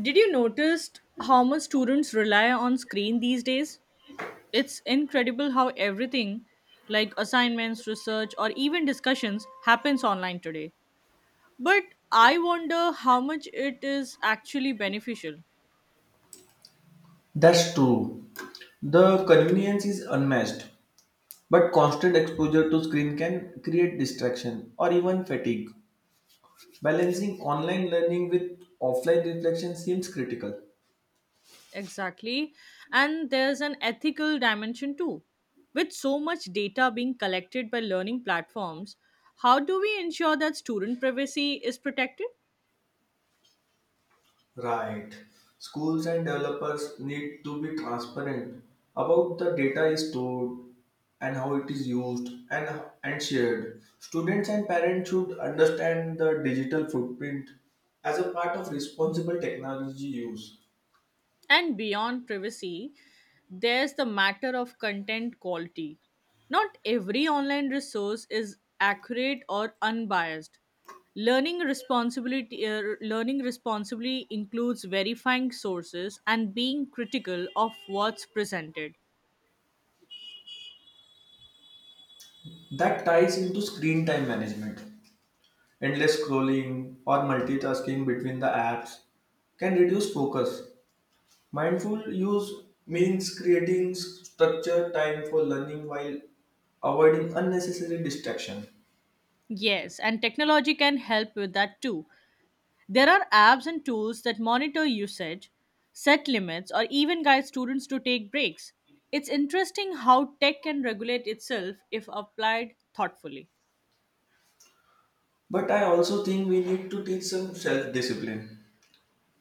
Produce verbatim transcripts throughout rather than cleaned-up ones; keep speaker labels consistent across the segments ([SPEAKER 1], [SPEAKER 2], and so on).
[SPEAKER 1] Did you notice how much students rely on screen these days? It's incredible how everything like assignments, research or even discussions happens online today. But I wonder how much it is actually beneficial.
[SPEAKER 2] That's true. The convenience is unmatched, but constant exposure to screen can create distraction or even fatigue. Balancing online learning with offline reflection seems critical.
[SPEAKER 1] Exactly. And there's an ethical dimension too. With so much data being collected by learning platforms, how do we ensure that student privacy is protected?
[SPEAKER 2] Right. Schools and developers need to be transparent about the data is stored and how it is used and, and shared. Students and parents should understand the digital footprint as a part of responsible technology use.
[SPEAKER 1] And beyond privacy, there's the matter of content quality. Not every online resource is accurate or unbiased. Learning responsibility uh, learning responsibly includes verifying sources and being critical of what's presented.
[SPEAKER 2] That ties into screen time management. Endless scrolling or multitasking between the apps can reduce focus. Mindful use means creating structured time for learning while avoiding unnecessary distraction.
[SPEAKER 1] Yes, and technology can help with that too. There are apps and tools that monitor usage, set limits, or even guide students to take breaks. It's interesting how tech can regulate itself if applied thoughtfully.
[SPEAKER 2] But I also think we need to teach some self-discipline.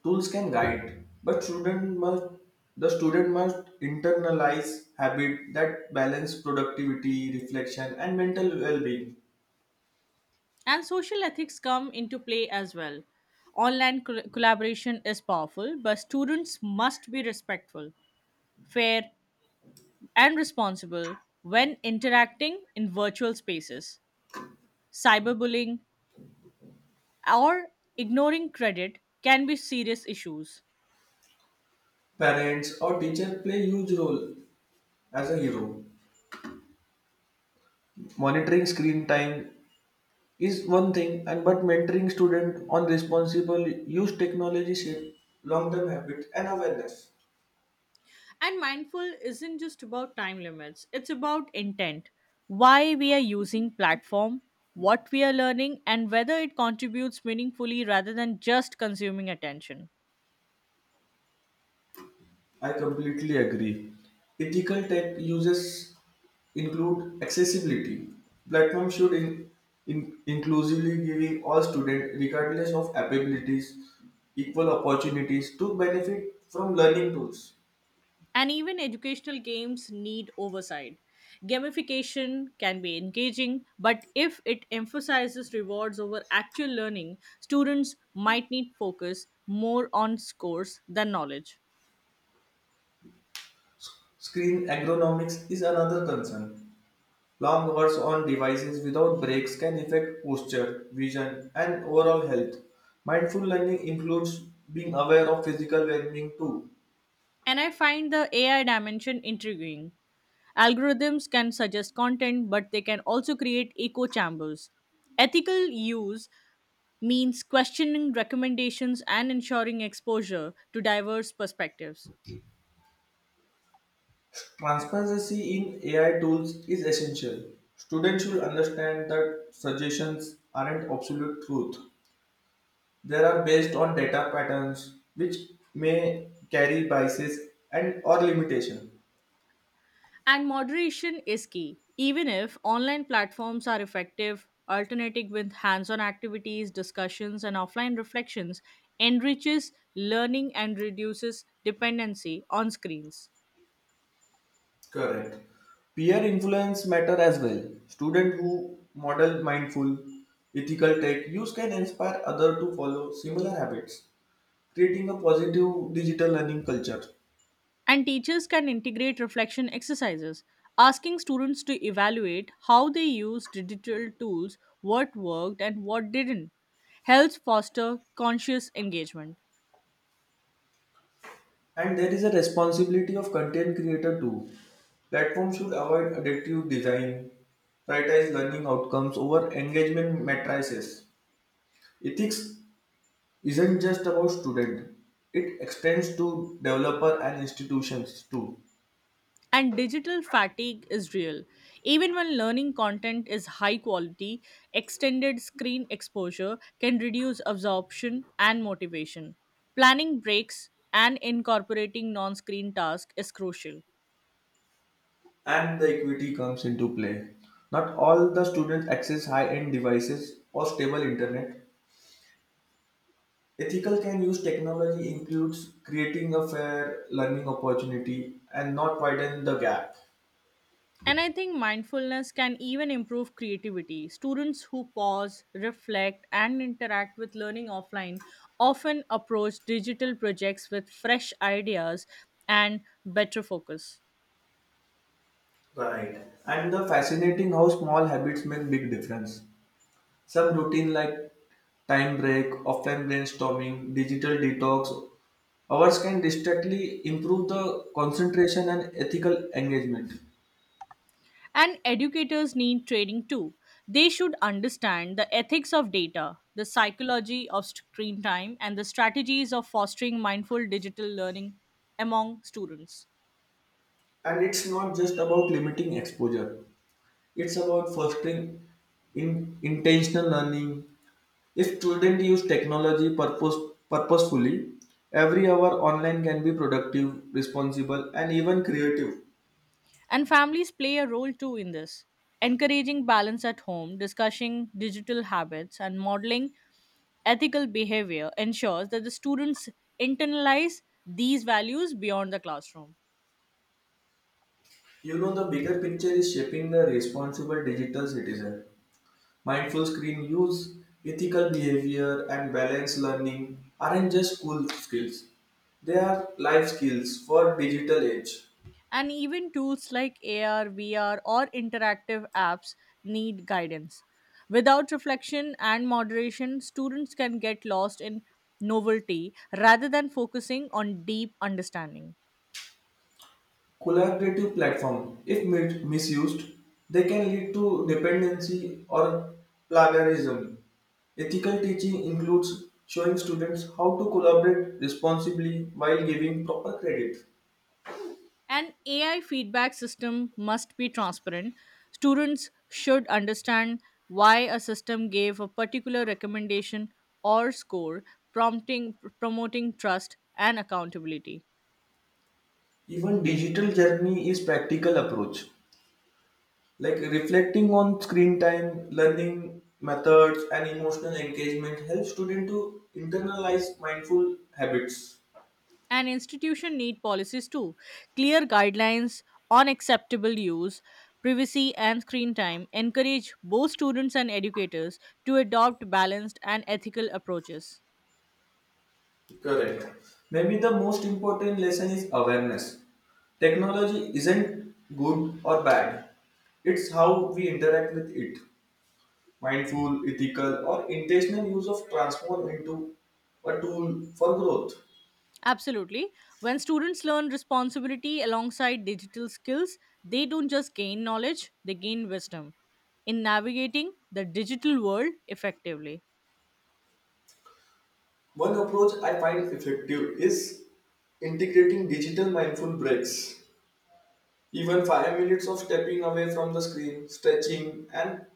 [SPEAKER 2] Tools can guide, but student must the student must internalize habit that balance productivity, reflection, and mental well-being.
[SPEAKER 1] And social ethics come into play as well. Online col- collaboration is powerful, but students must be respectful, fair, and responsible when interacting in virtual spaces. Cyberbullying or ignoring credit can be serious issues.
[SPEAKER 2] Parents or teacher play huge role as a hero. Monitoring screen time is one thing, and but mentoring student on responsible use technology shape long-term habit and awareness.
[SPEAKER 1] And mindful isn't just about time limits, it's about intent. Why we are using platform, what we are learning and whether it contributes meaningfully rather than just consuming attention.
[SPEAKER 2] I completely agree. Ethical tech uses include accessibility. Platform should in, in, inclusively giving all students, regardless of abilities, equal opportunities to benefit from learning tools.
[SPEAKER 1] And even educational games need oversight. Gamification can be engaging, but if it emphasizes rewards over actual learning, students might need focus more on scores than knowledge.
[SPEAKER 2] Screen ergonomics is another concern. Long hours on devices without breaks can affect posture, vision, and overall health. Mindful learning includes being aware of physical well-being too.
[SPEAKER 1] And I find the A I dimension intriguing. Algorithms can suggest content, but they can also create echo chambers. Ethical use means questioning recommendations and ensuring exposure to diverse perspectives.
[SPEAKER 2] Transparency in A I tools is essential. Students should understand that suggestions aren't absolute truth. They are based on data patterns which may carry biases and or limitation.
[SPEAKER 1] And moderation is key. Even if online platforms are effective, alternating with hands on activities, discussions, and offline reflections enriches learning and reduces dependency on screens.
[SPEAKER 2] Correct. Peer influence matter as well. Student who model mindful, ethical tech use can inspire other to follow similar habits, creating a positive digital learning culture.
[SPEAKER 1] And teachers can integrate reflection exercises, asking students to evaluate how they used digital tools, what worked and what didn't, helps foster conscious engagement.
[SPEAKER 2] And there is a responsibility of content creator too. Platforms should avoid addictive design, prioritize learning outcomes over engagement matrices. Ethics isn't just about student; it extends to developer and institutions too.
[SPEAKER 1] And digital fatigue is real. Even when learning content is high quality, extended screen exposure can reduce absorption and motivation. Planning breaks and incorporating non screen tasks is crucial.
[SPEAKER 2] And the equity comes into play. Not all the students access high-end devices or stable internet. Ethical can use technology includes creating a fair learning opportunity and not widen the gap.
[SPEAKER 1] And I think mindfulness can even improve creativity. Students who pause, reflect, and interact with learning offline often approach digital projects with fresh ideas and better focus.
[SPEAKER 2] Right. And the fascinating how small habits make big difference. Some routine like time break, offline brainstorming, digital detox, hours can distinctly improve the concentration and ethical engagement.
[SPEAKER 1] And educators need training too. They should understand the ethics of data, the psychology of screen time, and the strategies of fostering mindful digital learning among students.
[SPEAKER 2] And it's not just about limiting exposure. It's about fostering in intentional learning. If students use technology purpose, purposefully, every hour online can be productive, responsible, and even creative.
[SPEAKER 1] And families play a role too in this. Encouraging balance at home, discussing digital habits, and modeling ethical behavior ensures that the students internalize these values beyond the classroom.
[SPEAKER 2] You know, the bigger picture is shaping the responsible digital citizen. Mindful screen use, ethical behavior, and balanced learning aren't just school skills, they are life skills for digital age.
[SPEAKER 1] And even tools like A R, V R, or interactive apps need guidance. Without reflection and moderation, students can get lost in novelty rather than focusing on deep understanding.
[SPEAKER 2] Collaborative platform. If mi- misused, they can lead to dependency or plagiarism. Ethical teaching includes showing students how to collaborate responsibly while giving proper credit.
[SPEAKER 1] An A I feedback system must be transparent. Students should understand why a system gave a particular recommendation or score, prompting promoting trust and accountability.
[SPEAKER 2] Even digital journey is practical approach, like reflecting on screen time, learning methods, and emotional engagement helps students to internalize mindful habits.
[SPEAKER 1] An institution need policies too, clear guidelines on acceptable use, privacy and screen time, encourage both students and educators to adopt balanced and ethical approaches.
[SPEAKER 2] Correct. Maybe the most important lesson is awareness. Technology isn't good or bad, it's how we interact with it. Mindful, ethical, or intentional use of transform into a tool for growth.
[SPEAKER 1] Absolutely. When students learn responsibility alongside digital skills, they don't just gain knowledge, they gain wisdom in navigating the digital world effectively.
[SPEAKER 2] One approach I find effective is integrating digital mindful breaks. Even five minutes of stepping away from the screen, stretching, and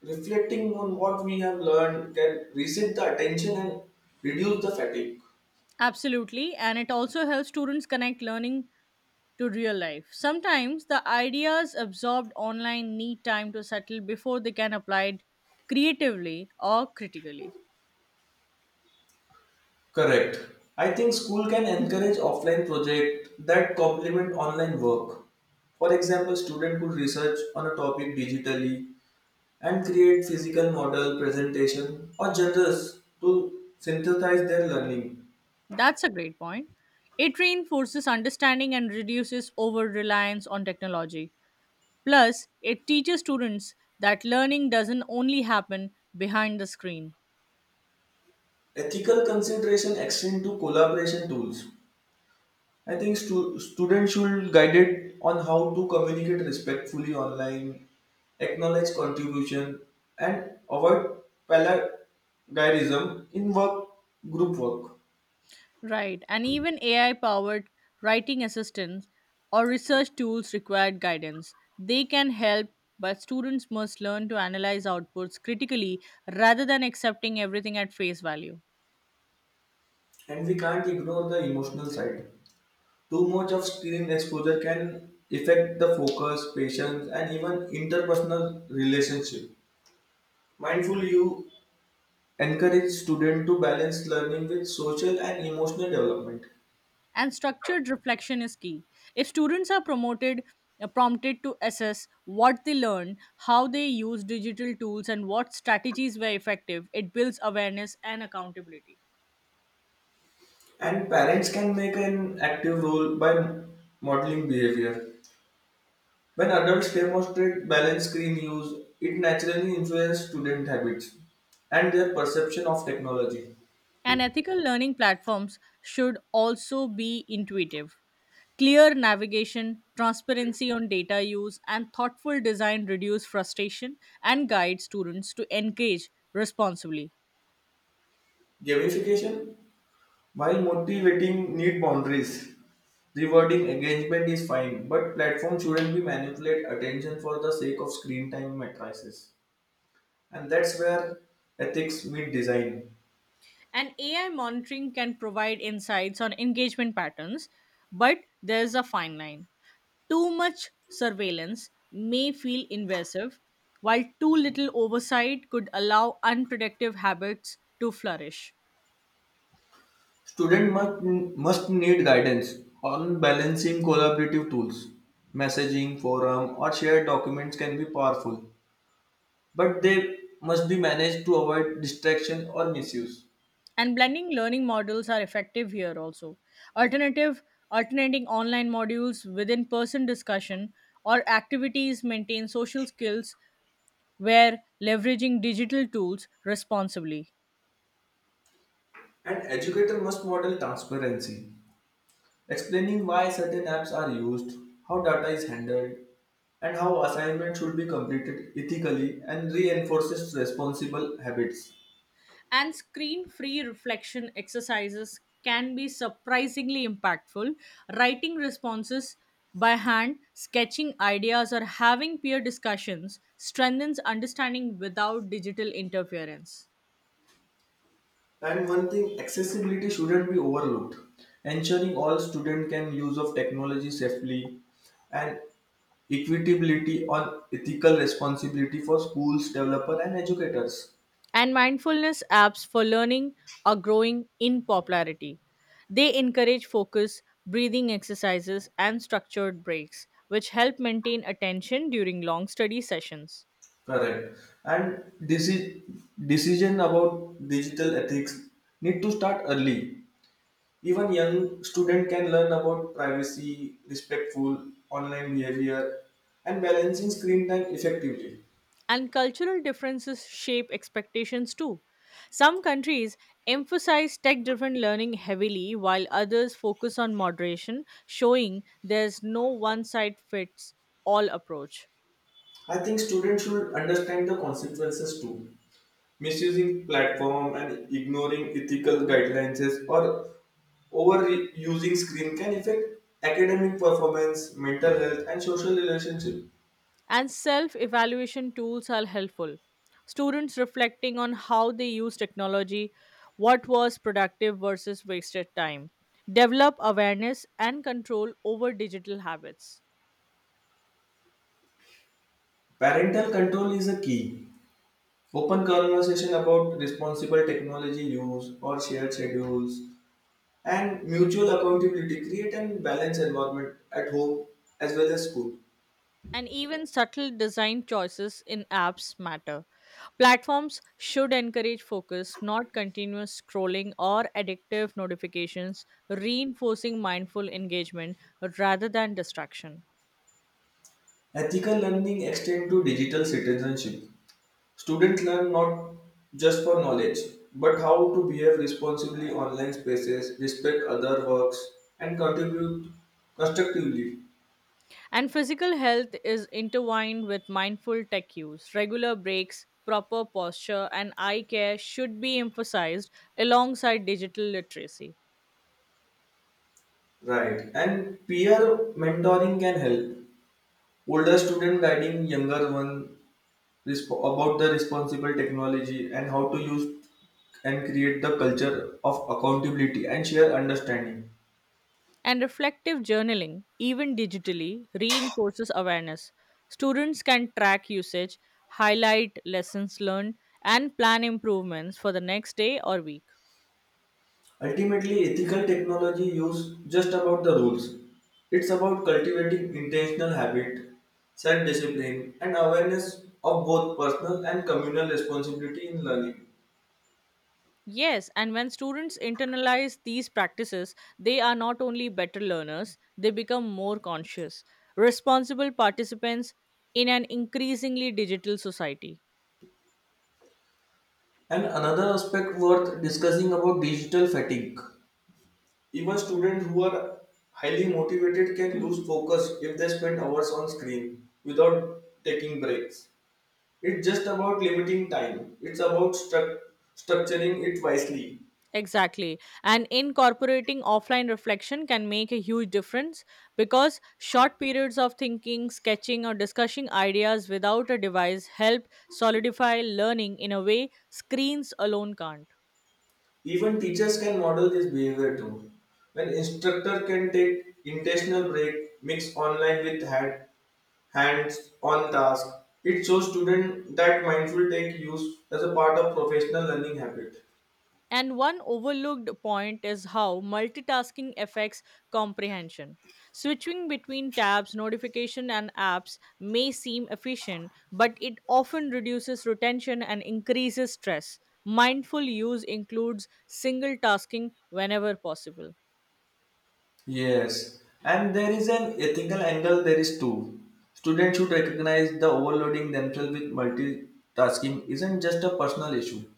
[SPEAKER 2] reflecting on what we have learned can reset the attention and reduce the fatigue.
[SPEAKER 1] Absolutely. And it also helps students connect learning to real life. Sometimes the ideas absorbed online need time to settle before they can apply it creatively or critically.
[SPEAKER 2] Correct. I think school can encourage offline projects that complement online work. For example, student could research on a topic digitally and create physical model, presentation, or journals to synthesize their learning.
[SPEAKER 1] That's a great point. It reinforces understanding and reduces over reliance on technology. Plus, it teaches students that learning doesn't only happen behind the screen.
[SPEAKER 2] Ethical consideration extend to collaboration tools. I think stu- students should guided on how to communicate respectfully online, acknowledge contribution, and avoid plagiarism in work group work.
[SPEAKER 1] Right, and even A I powered writing assistants or research tools require guidance. They can help, but students must learn to analyze outputs critically rather than accepting everything at face value.
[SPEAKER 2] And we can't ignore the emotional side. Too much of screen exposure can affect the focus, patience, and even interpersonal relationship. Mindful you encourage students to balance learning with social and emotional development.
[SPEAKER 1] And structured reflection is key. If students are promoted uh, prompted to assess what they learn, how they use digital tools and what strategies were effective, it builds awareness and accountability.
[SPEAKER 2] And parents can make an active role by modeling behavior. When adults demonstrate balanced screen use, it naturally influences student habits and their perception of technology.
[SPEAKER 1] And ethical learning platforms should also be intuitive. Clear navigation, transparency on data use, and thoughtful design reduce frustration and guide students to engage responsibly.
[SPEAKER 2] Gamification, while motivating, need boundaries. Rewarding engagement is fine, but platforms shouldn't be manipulate attention for the sake of screen time matrices. And that's where ethics meet design.
[SPEAKER 1] And A I monitoring can provide insights on engagement patterns, but there's a fine line. Too much surveillance may feel invasive, while too little oversight could allow unproductive habits to flourish.
[SPEAKER 2] Student must, must need guidance on balancing collaborative tools. Messaging, forum, or shared documents can be powerful, but they must be managed to avoid distraction or misuse.
[SPEAKER 1] And blending learning models are effective here also. Alternative Alternating online modules with in-person discussion or activities maintain social skills where leveraging digital tools responsibly.
[SPEAKER 2] And educator must model transparency, explaining why certain apps are used, how data is handled, and how assignments should be completed ethically and reinforces responsible habits.
[SPEAKER 1] And screen free reflection exercises can be surprisingly impactful. Writing responses by hand, sketching ideas, or having peer discussions strengthens understanding without digital interference.
[SPEAKER 2] And one thing, accessibility shouldn't be overlooked. Ensuring all students can use of technology safely and equitability on ethical responsibility for schools, developer and educators.
[SPEAKER 1] And mindfulness apps for learning are growing in popularity. They encourage focus, breathing exercises, and structured breaks, which help maintain attention during long study sessions.
[SPEAKER 2] Correct. And deci- decision about digital ethics need to start early. Even young student can learn about privacy, respectful online behavior, and balancing screen time effectively.
[SPEAKER 1] And cultural differences shape expectations too. Some countries emphasize tech driven learning heavily, while others focus on moderation, showing there's no one size fits all approach.
[SPEAKER 2] I think students should understand the consequences too. Misusing platform and ignoring ethical guidelines or overusing screen can affect academic performance, mental health, and social relationship.
[SPEAKER 1] And self evaluation tools are helpful. Students reflecting on how they use technology, what was productive versus wasted time, develop awareness and control over digital habits.
[SPEAKER 2] Parental control is a key. Open conversation about responsible technology use or shared schedules and mutual accountability create a balanced environment at home as well as school.
[SPEAKER 1] And even subtle design choices in apps matter. Platforms should encourage focus, not continuous scrolling or addictive notifications, reinforcing mindful engagement rather than distraction.
[SPEAKER 2] Ethical learning extend to digital citizenship. Students learn not just for knowledge, but how to behave responsibly in online spaces, respect other works, and contribute constructively.
[SPEAKER 1] And physical health is intertwined with mindful tech use. Regular breaks, proper posture, and eye care should be emphasized alongside digital literacy.
[SPEAKER 2] Right. And peer mentoring can help. Older student guiding younger one resp- about the responsible technology and how to use and create the culture of accountability and share understanding.
[SPEAKER 1] And reflective journaling, even digitally, reinforces awareness. Students can track usage, highlight lessons learned, and plan improvements for the next day or week.
[SPEAKER 2] Ultimately, ethical technology use just about the rules. It's about cultivating intentional habit, self-discipline, and awareness of both personal and communal responsibility in learning.
[SPEAKER 1] Yes, and when students internalize these practices, they are not only better learners, they become more conscious, responsible participants in an increasingly digital society.
[SPEAKER 2] And another aspect worth discussing about digital fatigue. Even students who are highly motivated can lose focus if they spend hours on screen without taking breaks. It's just about limiting time. It's about struc- structuring it wisely.
[SPEAKER 1] Exactly. And incorporating offline reflection can make a huge difference because short periods of thinking, sketching, or discussing ideas without a device help solidify learning in a way screens alone can't.
[SPEAKER 2] Even teachers can model this behavior too. An instructor can take intentional break, mix online with hand, hands-on task. It shows students that mindful tech use as a part of professional learning habit.
[SPEAKER 1] And one overlooked point is how multitasking affects comprehension. Switching between tabs, notification and apps may seem efficient, but it often reduces retention and increases stress. Mindful use includes single tasking whenever possible.
[SPEAKER 2] Yes, and there is an ethical angle there is too. Students should recognize the overloading themselves with multitasking isn't just a personal issue.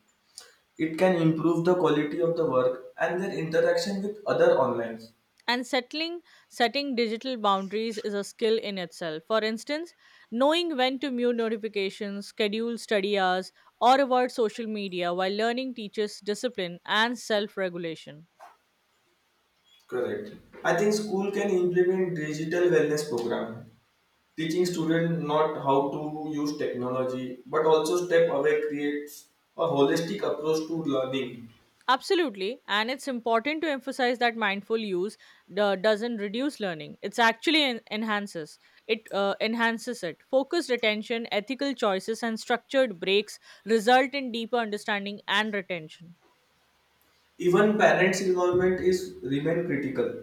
[SPEAKER 2] It can improve the quality of the work and their interaction with other online.
[SPEAKER 1] And settling setting digital boundaries is a skill in itself. For instance, knowing when to mute notifications, schedule study hours, or avoid social media while learning teaches discipline and self-regulation.
[SPEAKER 2] Correct. I think school can implement digital wellness program, teaching students not how to use technology, but also step away creates a holistic approach to learning.
[SPEAKER 1] Absolutely, and it's important to emphasize that mindful use uh, doesn't reduce learning. It's actually en- enhances it uh, enhances it. Focused attention, ethical choices, and structured breaks result in deeper understanding and retention.
[SPEAKER 2] Even parents' involvement is remain critical.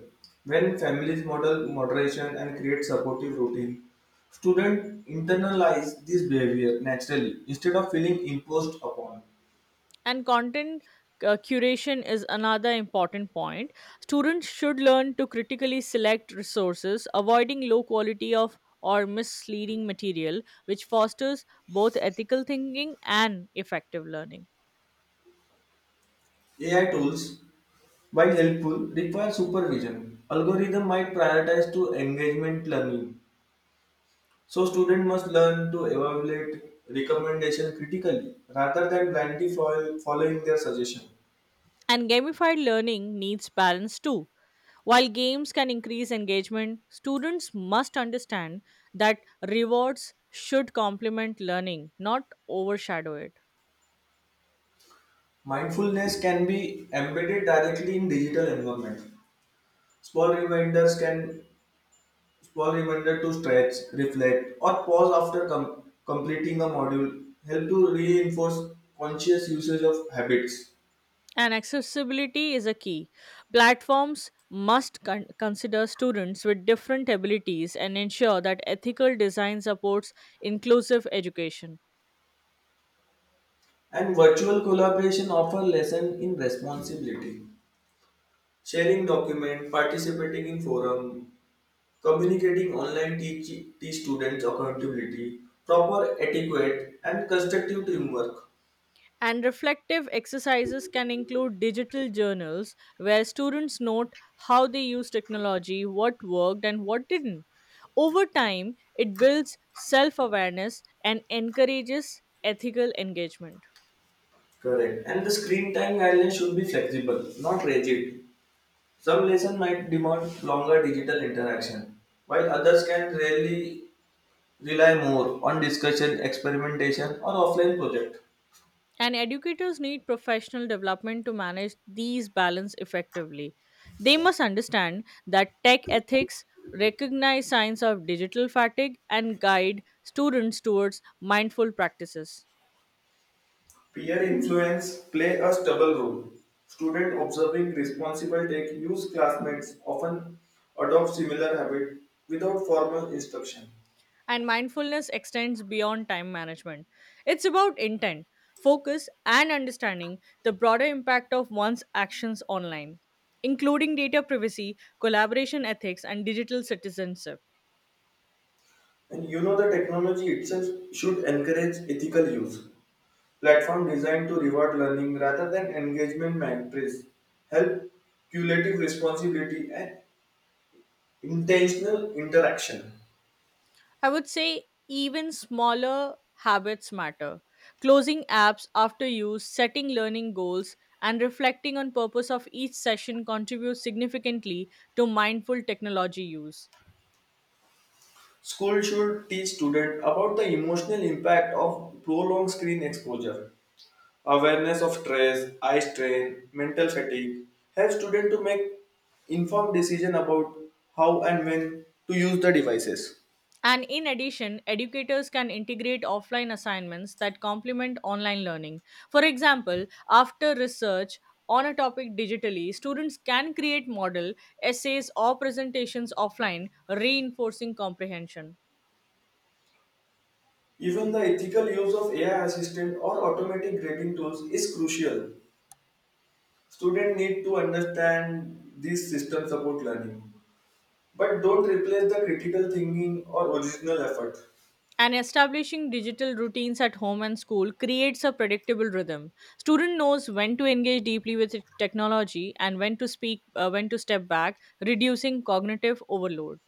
[SPEAKER 2] When families model moderation and create supportive routine, students internalize this behavior naturally instead of feeling imposed upon.
[SPEAKER 1] and content uh, curation is another important point. Students should learn to critically select resources, avoiding low quality of or misleading material, which fosters both ethical thinking and effective learning.
[SPEAKER 2] A I tools While helpful, require supervision. Algorithm might prioritize to engagement learning. So student must learn to evaluate recommendation critically rather than blindly fol- following their suggestion.
[SPEAKER 1] And gamified learning needs balance too. While games can increase engagement, students must understand that rewards should complement learning, not overshadow it.
[SPEAKER 2] Mindfulness can be embedded directly in digital environment. Small reminders can Small reminder to stretch, reflect, or pause after com- completing a module help to reinforce conscious usage of habits.
[SPEAKER 1] And accessibility is a key. Platforms must con- consider students with different abilities and ensure that ethical design supports inclusive education.
[SPEAKER 2] And virtual collaboration offer lesson in responsibility. Sharing document, participating in forum, communicating online teach, teach students accountability, proper etiquette and constructive teamwork.
[SPEAKER 1] And reflective exercises can include digital journals where students note how they use technology, what worked, and what didn't. Over time, it builds self awareness and encourages ethical engagement.
[SPEAKER 2] Correct. And the screen time guidelines should be flexible, not rigid. Some lesson might demand longer digital interaction, while others can really rely more on discussion, experimentation or offline project.
[SPEAKER 1] And educators need professional development to manage these balance effectively. They must understand that tech ethics recognize signs of digital fatigue and guide students towards mindful practices.
[SPEAKER 2] Peer influence play a double role. Student observing responsible take use classmates often adopt similar habit without formal instruction.
[SPEAKER 1] And mindfulness extends beyond time management. It's about intent, focus, and understanding the broader impact of one's actions online, including data privacy, collaboration ethics, and digital citizenship.
[SPEAKER 2] And you know the technology itself should encourage ethical use. Platform designed to reward learning rather than engagement matrix help cumulative responsibility and intentional interaction.
[SPEAKER 1] I would say even smaller habits matter. Closing apps after use, setting learning goals, and reflecting on purpose of each session contribute significantly to mindful technology use.
[SPEAKER 2] School should teach students about the emotional impact of prolonged screen exposure. Awareness of stress, eye strain, mental fatigue help students to make informed decision about how and when to use the devices.
[SPEAKER 1] And in addition, educators can integrate offline assignments that complement online learning. For example, after research on a topic digitally, students can create model essays or presentations offline, reinforcing comprehension.
[SPEAKER 2] Even the ethical use of A I assistant or automatic grading tools is crucial. Students need to understand these systems about learning, but don't replace the critical thinking or original effort.
[SPEAKER 1] And establishing digital routines at home and school creates a predictable rhythm. Student knows when to engage deeply with technology and when to speak uh, when to step back, reducing cognitive overload.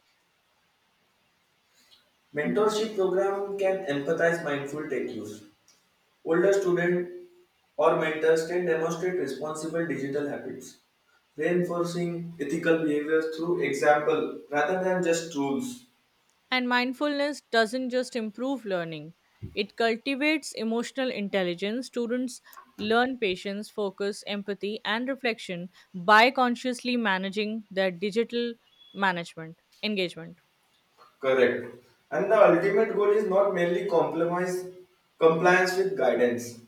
[SPEAKER 2] Mentorship program can empathize mindful tech use. Older students or mentors can demonstrate responsible digital habits, reinforcing ethical behaviors through example rather than just rules.
[SPEAKER 1] And mindfulness doesn't just improve learning, it cultivates emotional intelligence. Students learn patience, focus, empathy and reflection by consciously managing their digital management engagement.
[SPEAKER 2] Correct. And the ultimate goal is not merely compromise, compliance with guidance.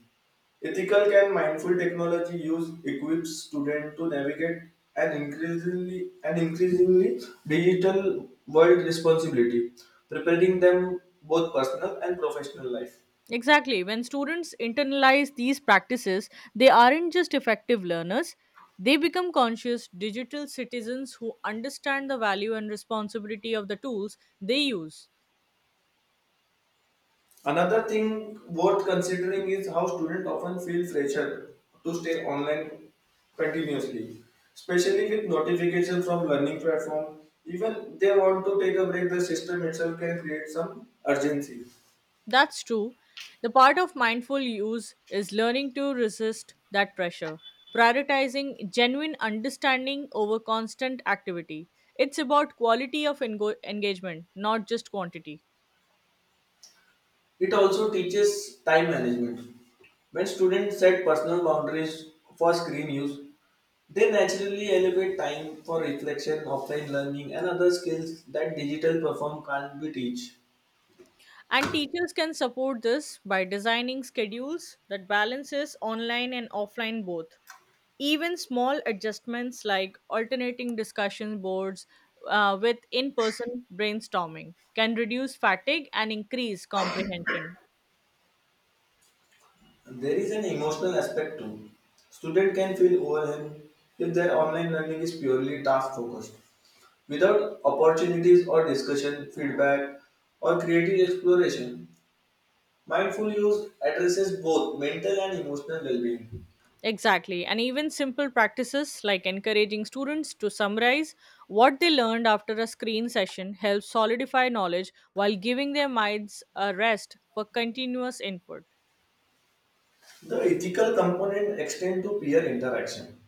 [SPEAKER 2] Ethical and mindful technology use equips students to navigate an increasingly an increasingly digital world responsibility, preparing them both personal and professional life.
[SPEAKER 1] Exactly. When students internalize these practices, they aren't just effective learners, they become conscious digital citizens who understand the value and responsibility of the tools they use.
[SPEAKER 2] Another thing worth considering is how students often feel pressure to stay online continuously, especially with notifications from learning platform. Even they want to take a break, the system itself can create some urgency.
[SPEAKER 1] That's true. The part of mindful use is learning to resist that pressure, prioritizing genuine understanding over constant activity. It's about quality of engo- engagement, not just quantity.
[SPEAKER 2] It also teaches time management. When students set personal boundaries for screen use, they naturally elevate time for reflection, offline learning, and other skills that digital perform can't be teach.
[SPEAKER 1] And teachers can support this by designing schedules that balances online and offline both. Even small adjustments like alternating discussion boards uh, with in person brainstorming can reduce fatigue and increase comprehension.
[SPEAKER 2] There is an emotional aspect too. Student can feel overwhelmed if their online learning is purely task focused, without opportunities or discussion, feedback, or creative exploration. Mindful use addresses both mental and emotional well-being.
[SPEAKER 1] Exactly. And even simple practices like encouraging students to summarize what they learned after a screen session helps solidify knowledge while giving their minds a rest for continuous input.
[SPEAKER 2] The ethical component extends to peer interaction.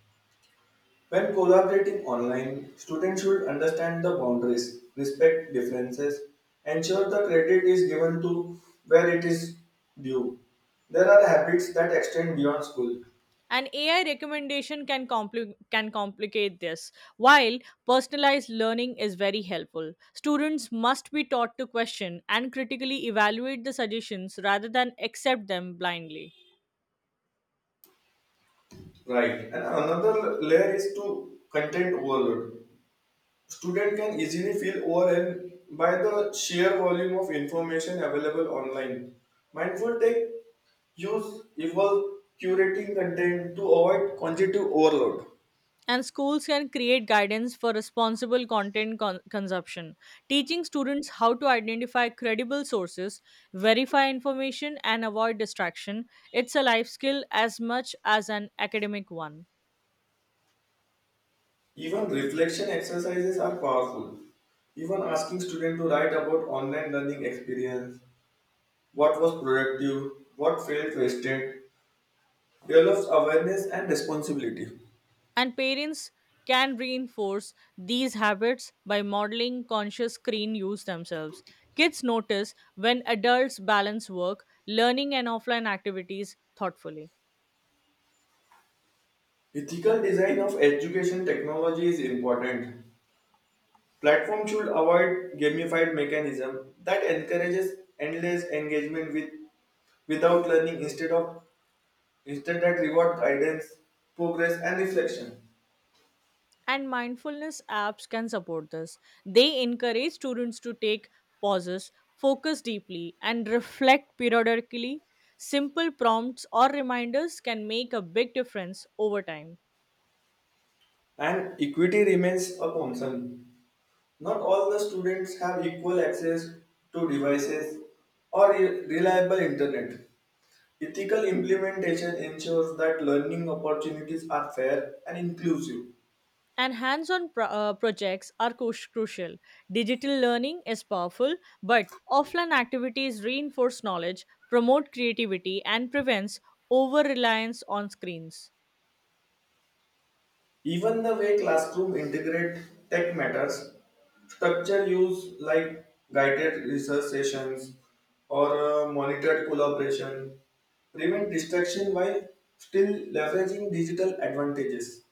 [SPEAKER 2] When collaborating online, students should understand the boundaries, respect differences, ensure the credit is given to where it is due. There are habits that extend beyond school.
[SPEAKER 1] And ai recommendation can compli- can complicate this. While personalized learning is very helpful, students must be taught to question and critically evaluate the suggestions rather than accept them blindly.
[SPEAKER 2] Right. And another layer is to content overload. Student can easily feel overwhelmed by the sheer volume of information available online. Mindful take use evolve curating content to avoid cognitive overload.
[SPEAKER 1] And schools can create guidance for responsible content con- consumption, teaching students how to identify credible sources, verify information and avoid distraction. It's a life skill as much as an academic one.
[SPEAKER 2] Even reflection exercises are powerful. Even asking students to write about online learning experience, what was productive, what felt wasted, develops awareness and responsibility.
[SPEAKER 1] And parents can reinforce these habits by modeling conscious screen use themselves. Kids notice when adults balance work, learning, and offline activities thoughtfully.
[SPEAKER 2] Ethical design of education technology is important. Platforms should avoid gamified mechanism that encourages endless engagement with without learning instead of instead that reward guidance, progress and reflection.
[SPEAKER 1] And mindfulness apps can support this. They encourage students to take pauses, focus deeply, and reflect periodically. Simple prompts or reminders can make a big difference over time.
[SPEAKER 2] And equity remains a concern. Not all the students have equal access to devices or re- reliable internet. Ethical implementation ensures that learning opportunities are fair and inclusive.
[SPEAKER 1] And hands-on pro- uh, projects are cru- crucial. Digital learning is powerful, but offline activities reinforce knowledge, promote creativity and prevents over-reliance on screens.
[SPEAKER 2] Even the way classroom integrate tech matters, structure use like guided research sessions or uh, monitored collaboration prevent distraction while still leveraging digital advantages.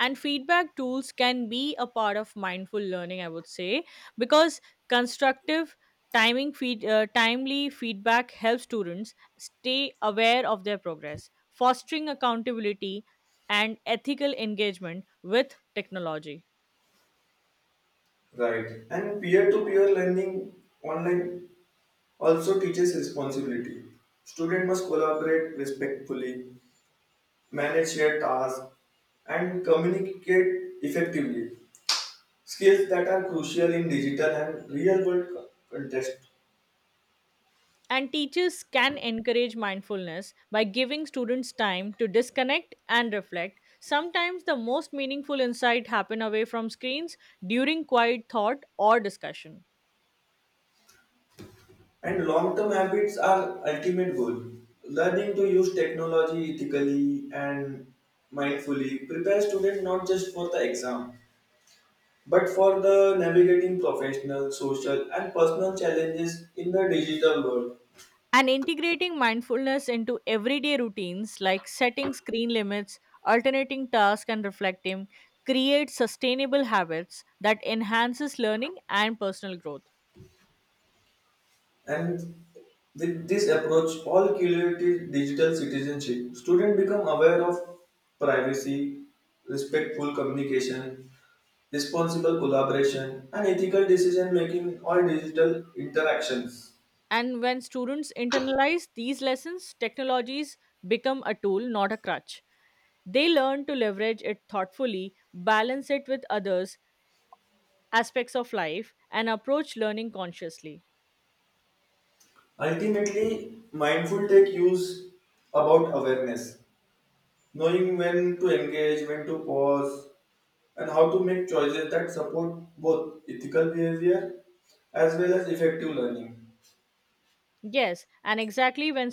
[SPEAKER 1] And feedback tools can be a part of mindful learning, I would say, because constructive timing feed, uh, timely feedback helps students stay aware of their progress, fostering accountability and ethical engagement with technology.
[SPEAKER 2] Right. And peer to peer learning online also teaches responsibility. Students must collaborate respectfully, manage shared tasks, and communicate effectively. Skills that are crucial in digital and real world co- context.
[SPEAKER 1] And teachers can encourage mindfulness by giving students time to disconnect and reflect. Sometimes the most meaningful insight happen away from screens during quiet thought or discussion.
[SPEAKER 2] And long term habits are ultimate goal. Learning to use technology ethically and mindfully prepares students not just for the exam but for the navigating professional, social, and personal challenges in the digital world.
[SPEAKER 1] And integrating mindfulness into everyday routines like setting screen limits, alternating tasks and reflecting creates sustainable habits that enhances learning and personal growth.
[SPEAKER 2] And with this approach, all cumulative digital citizenship, students become aware of privacy, respectful communication, responsible collaboration, and ethical decision making in all digital interactions.
[SPEAKER 1] And when students internalize these lessons, technologies become a tool, not a crutch. They learn to leverage it thoughtfully, balance it with others, aspects of life, and approach learning consciously.
[SPEAKER 2] Ultimately, mindful tech use about awareness, knowing when to engage, when to pause, and how to make choices that support both ethical behavior as well as effective learning.
[SPEAKER 1] Yes, and exactly when